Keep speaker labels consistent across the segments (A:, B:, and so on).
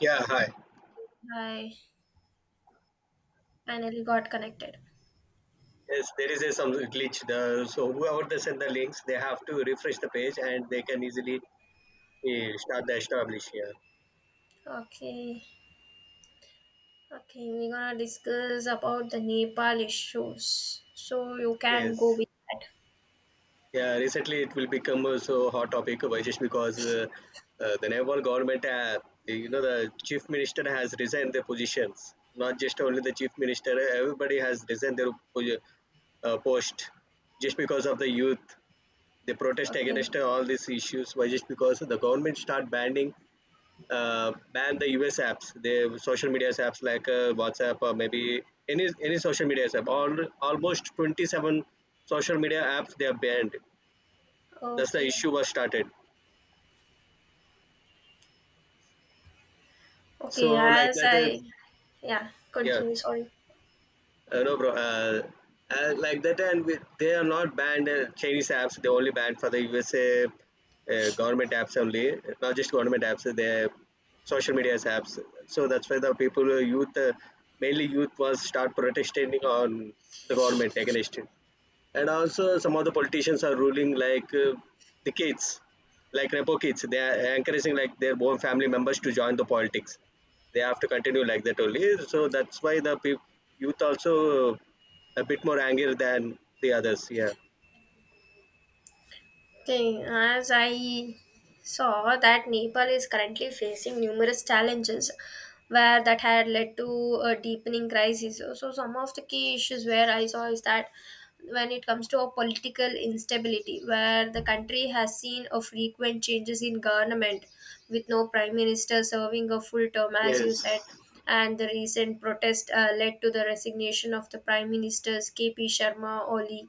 A: Yeah, hi.
B: Hi, finally got connected.
A: Yes, there is a some glitch. The so whoever they send the links, they have to refresh the page and they can easily start the establish. Yeah.
B: Okay, okay, we're gonna discuss about the Nepal issues. So you can
A: Yes.
B: go with that.
A: Yeah. Recently, it will become so hot topic just because the Nepal government, the chief minister has resigned their positions. Not just only the chief minister, everybody has resigned their post just because of the youth. They protest against
B: Okay,
A: all these issues. Why? Just because the government start banning ban the US apps, the social media apps like WhatsApp or maybe any social media app. All almost 27 social media apps they are banned. That's the
B: okay,
A: issue was started. So
B: okay.
A: like that,
B: Yeah,
A: yeah.
B: continue. Sorry.
A: No, bro. Uh, like that, and we, they are not banned Chinese apps. They only banned for the USA government apps only. Not just government apps. They social media apps. So that's why the people, youth, mainly youth, was start protesting on the government against it, and also some of the politicians are ruling like the kids, like repo kids. They are encouraging like their own family members to join the politics. They have to continue like that only. So that's why the peop youth also a bit more angry than the others. Yeah.
B: Thing, as I saw that Nepal is currently facing numerous challenges where that had led to a deepening crisis. So some of the key issues where I saw is that when it comes to a political instability where the country has seen a frequent changes in government with no prime minister serving a full term, as you
A: Yes.
B: said. And the recent protest led to the resignation of the prime ministers KP Sharma Oli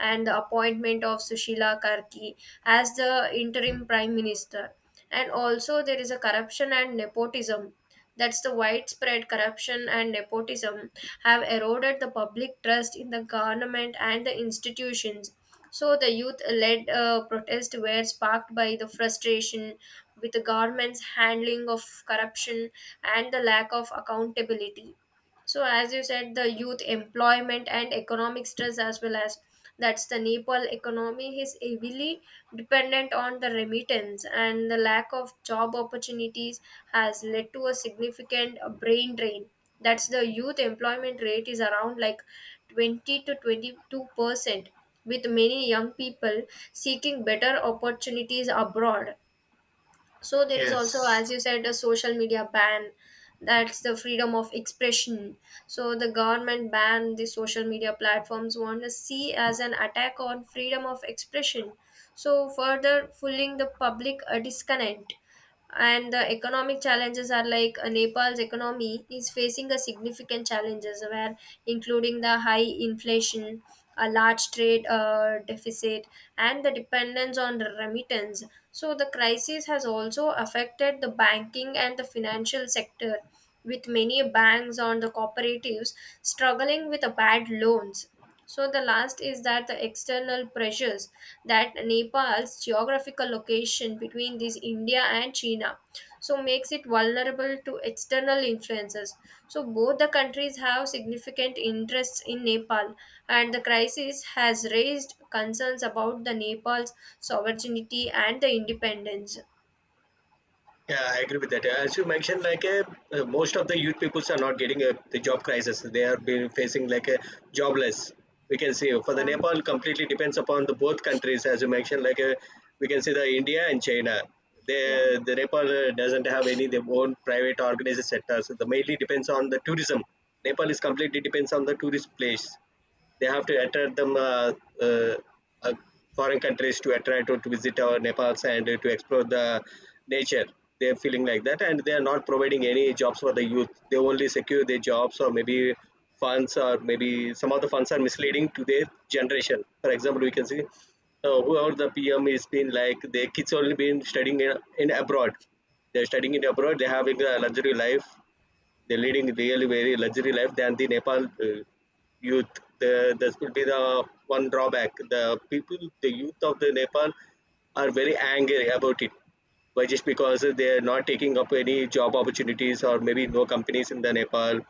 B: and the appointment of Sushila Karki as the interim prime minister. And also, there is a corruption and nepotism. That's the widespread corruption and nepotism have eroded the public trust in the government and the institutions. So the youth led protest were sparked by the frustration with the government's handling of corruption and the lack of accountability. So, as you said, the youth employment and economic stress, as well as that's the Nepal economy is heavily dependent on the remittance, and the lack of job opportunities has led to a significant brain drain. That's the youth employment rate is around like 20 to 22%, with many young people seeking better opportunities abroad. So there is also,
A: Yes.
B: as you said, a social media ban. That's the freedom of expression. So the government ban the social media platforms want to see as an attack on freedom of expression. So further fueling the public a disconnect. And the economic challenges are like Nepal's economy is facing a significant challenges where including the high inflation, a large trade deficit, and the dependence on the remittance. So the crisis has also affected the banking and the financial sector, with many banks on the cooperatives struggling with the bad loans. So the last is that the external pressures that Nepal's geographical location between these India and China so makes it vulnerable to external influences. So both the countries have significant interests in Nepal and the crisis has raised concerns about the Nepal's sovereignty and the independence.
A: Yeah, I agree with that. Yeah, as you mentioned, like most of the youth peoples are not getting the job crisis. They are being facing like a jobless. We can see for the
B: Yeah,
A: Nepal completely depends upon the both countries. As you mentioned, like we can see the India and China.
B: yeah.
A: They, the Nepal doesn't have any their own private organized sectors. So, the mainly depends on the tourism. Nepal is completely depends on the tourist place. They have to attract them uh, uh, foreign countries to attract or to visit our Nepal's and to explore the nature. They're feeling like that, and they are not providing any jobs for the youth. They only secure their jobs or maybe funds or maybe some of the funds are misleading to their generation. For example, we can see whoever the PM is been like their kids only been studying in abroad. They're studying in abroad. They're having a luxury life. They're leading really very luxury life than the Nepal youth. This will be the one drawback. The people, the youth of the Nepal are very angry about it. Why? Just because they are not taking up any job opportunities or maybe no companies in the Nepal.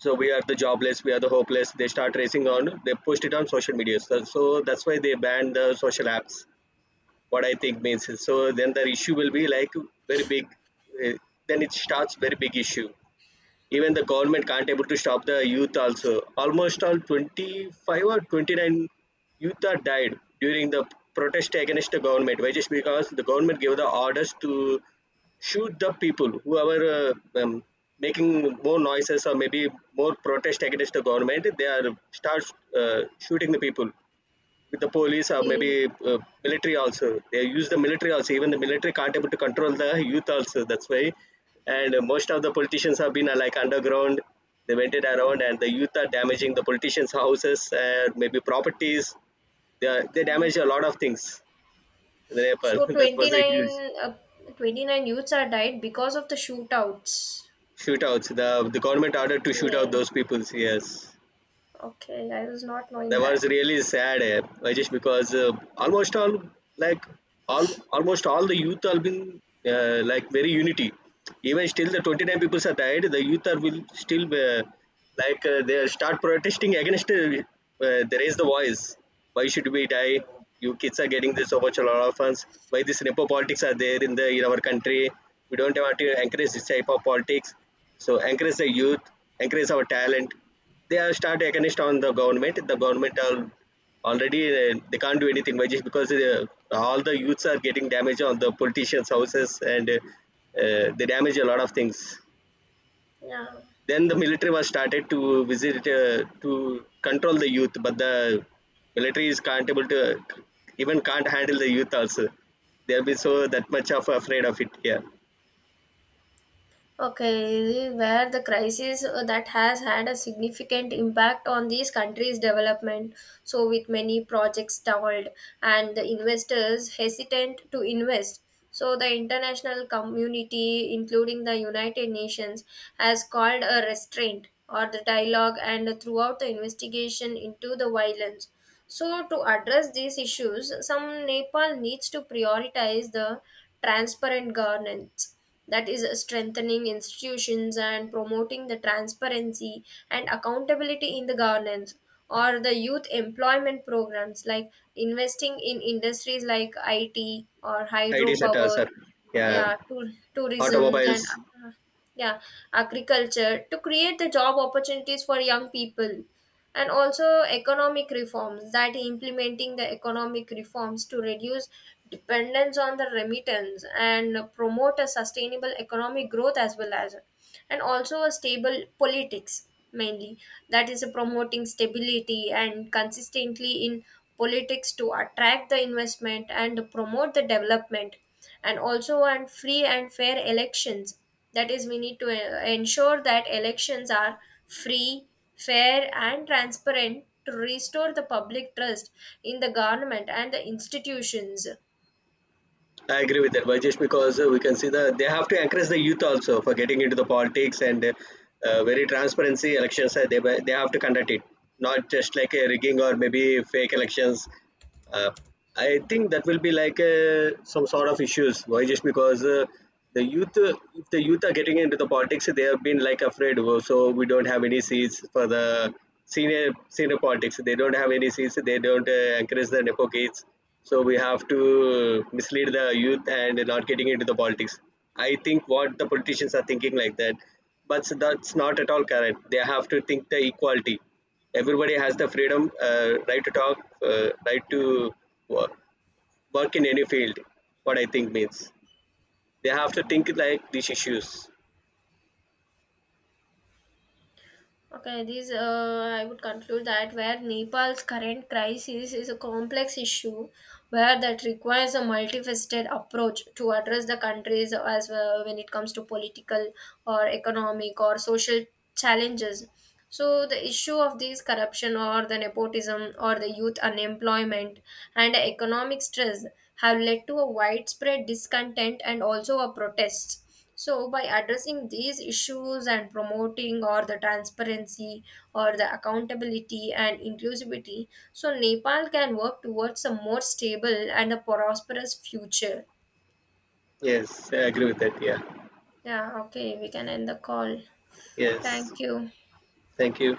A: So we are the jobless, we are the hopeless. They start racing on, they pushed it on social media. So, that's why they banned the social apps. What I think means is so then the issue will be like very big. eh, Then it starts very big issue. Even the government can't able to stop the youth also. Almost all 25 or 29 youth are died during the protest against the government. Why? Just because the government gave the orders to shoot the people whoever uh, um, making more noises or maybe more protest against the government. They are start uh, shooting the people with the police or maybe
B: Okay,
A: military also. They use the military also. Even the military can't able to control the youth also. That's why. And most of the politicians have been like underground. They went it around, and the youth are damaging the politicians' houses, and maybe properties. They
B: okay.
A: damage a lot of things in Nepal.
B: So
A: That was a huge
B: 29 youths are died because of the shootouts.
A: shootouts. The government ordered to shoot out
B: Okay,
A: those people. Yes.
B: okay. I was not knowing
A: That was
B: that.
A: really sad just because almost all, like all, almost all the youth are been like very unity. Even still the 29 people are died, the youth are will still they start protesting against they raise the voice. Why should we die? You kids are getting this so much a lot of funds. Why this nepo politics are there in the in our country? We don't want to encourage this type of politics. So encourage the youth, encourage our talent. They are start against on the government. The government are already they can't do anything by just because all the youths are getting damage on the politicians' houses and they damage a lot of things.
B: Yeah.
A: Then the military was started to visit to control the youth, but the military is can't able to even can't handle the youth also. They'll be so that much of afraid of it. Yeah,
B: Okay, where the crisis that has had a significant impact on these countries' development. So, with many projects stalled and the investors hesitant to invest. So, the international community, including the United Nations, has called a restraint or the dialogue and throughout the investigation into the violence. So, to address these issues, some Nepal needs to prioritize the transparent governance, that is, strengthening institutions and promoting the transparency and accountability in the governance, or the youth employment programs, like investing in industries like IT or
A: IT sector, sir.
B: hydropower, yeah,
A: Yeah,
B: tour, tourism,
A: automobiles.
B: and uh, yeah, agriculture to create the job opportunities for young people, and also economic reforms that implementing the economic reforms to reduce dependence on the remittance and promote a sustainable economic growth, as well as, and also a stable politics mainly, that is promoting stability and consistently in politics to attract the investment and promote the development, and also and free and fair elections, that is we need to ensure that elections are free, fair and transparent to restore the public trust in the government and the institutions.
A: I agree with that, Vajesh, because we can see that they have to encourage the youth also for getting into the politics and very transparency elections. They have to conduct it, not just like a rigging or maybe fake elections. uh, I think that will be like some sort of issues. Why? Just because the youth, if the youth are getting into the politics, they have been like afraid. "Oh, so we don't have any seats for the senior politics. They don't have any seats. They don't encourage the nepo kids. So we have to mislead the youth and not getting into the politics." I think what the politicians are thinking like that, but that's not at all correct. They have to think the equality. Everybody has the freedom, right to talk, right to
B: Yeah.
A: work, work in any field. What I think means, they have to think
B: Yeah.
A: like these issues.
B: Okay, this I would conclude that where Nepal's current crisis is a complex issue, where that requires a multifaceted approach to address the countries as well when it comes to political or economic or social challenges. So the issue of these corruption or the nepotism or the youth unemployment and economic stress have led to a widespread discontent and also a protest. So by addressing these issues and promoting or the transparency or the accountability and inclusivity, so Nepal can work towards a more stable and a prosperous future.
A: Yes, I agree with that. Yeah.
B: Yeah, okay, we can end the call.
A: Yes.
B: Thank you.
A: Thank you.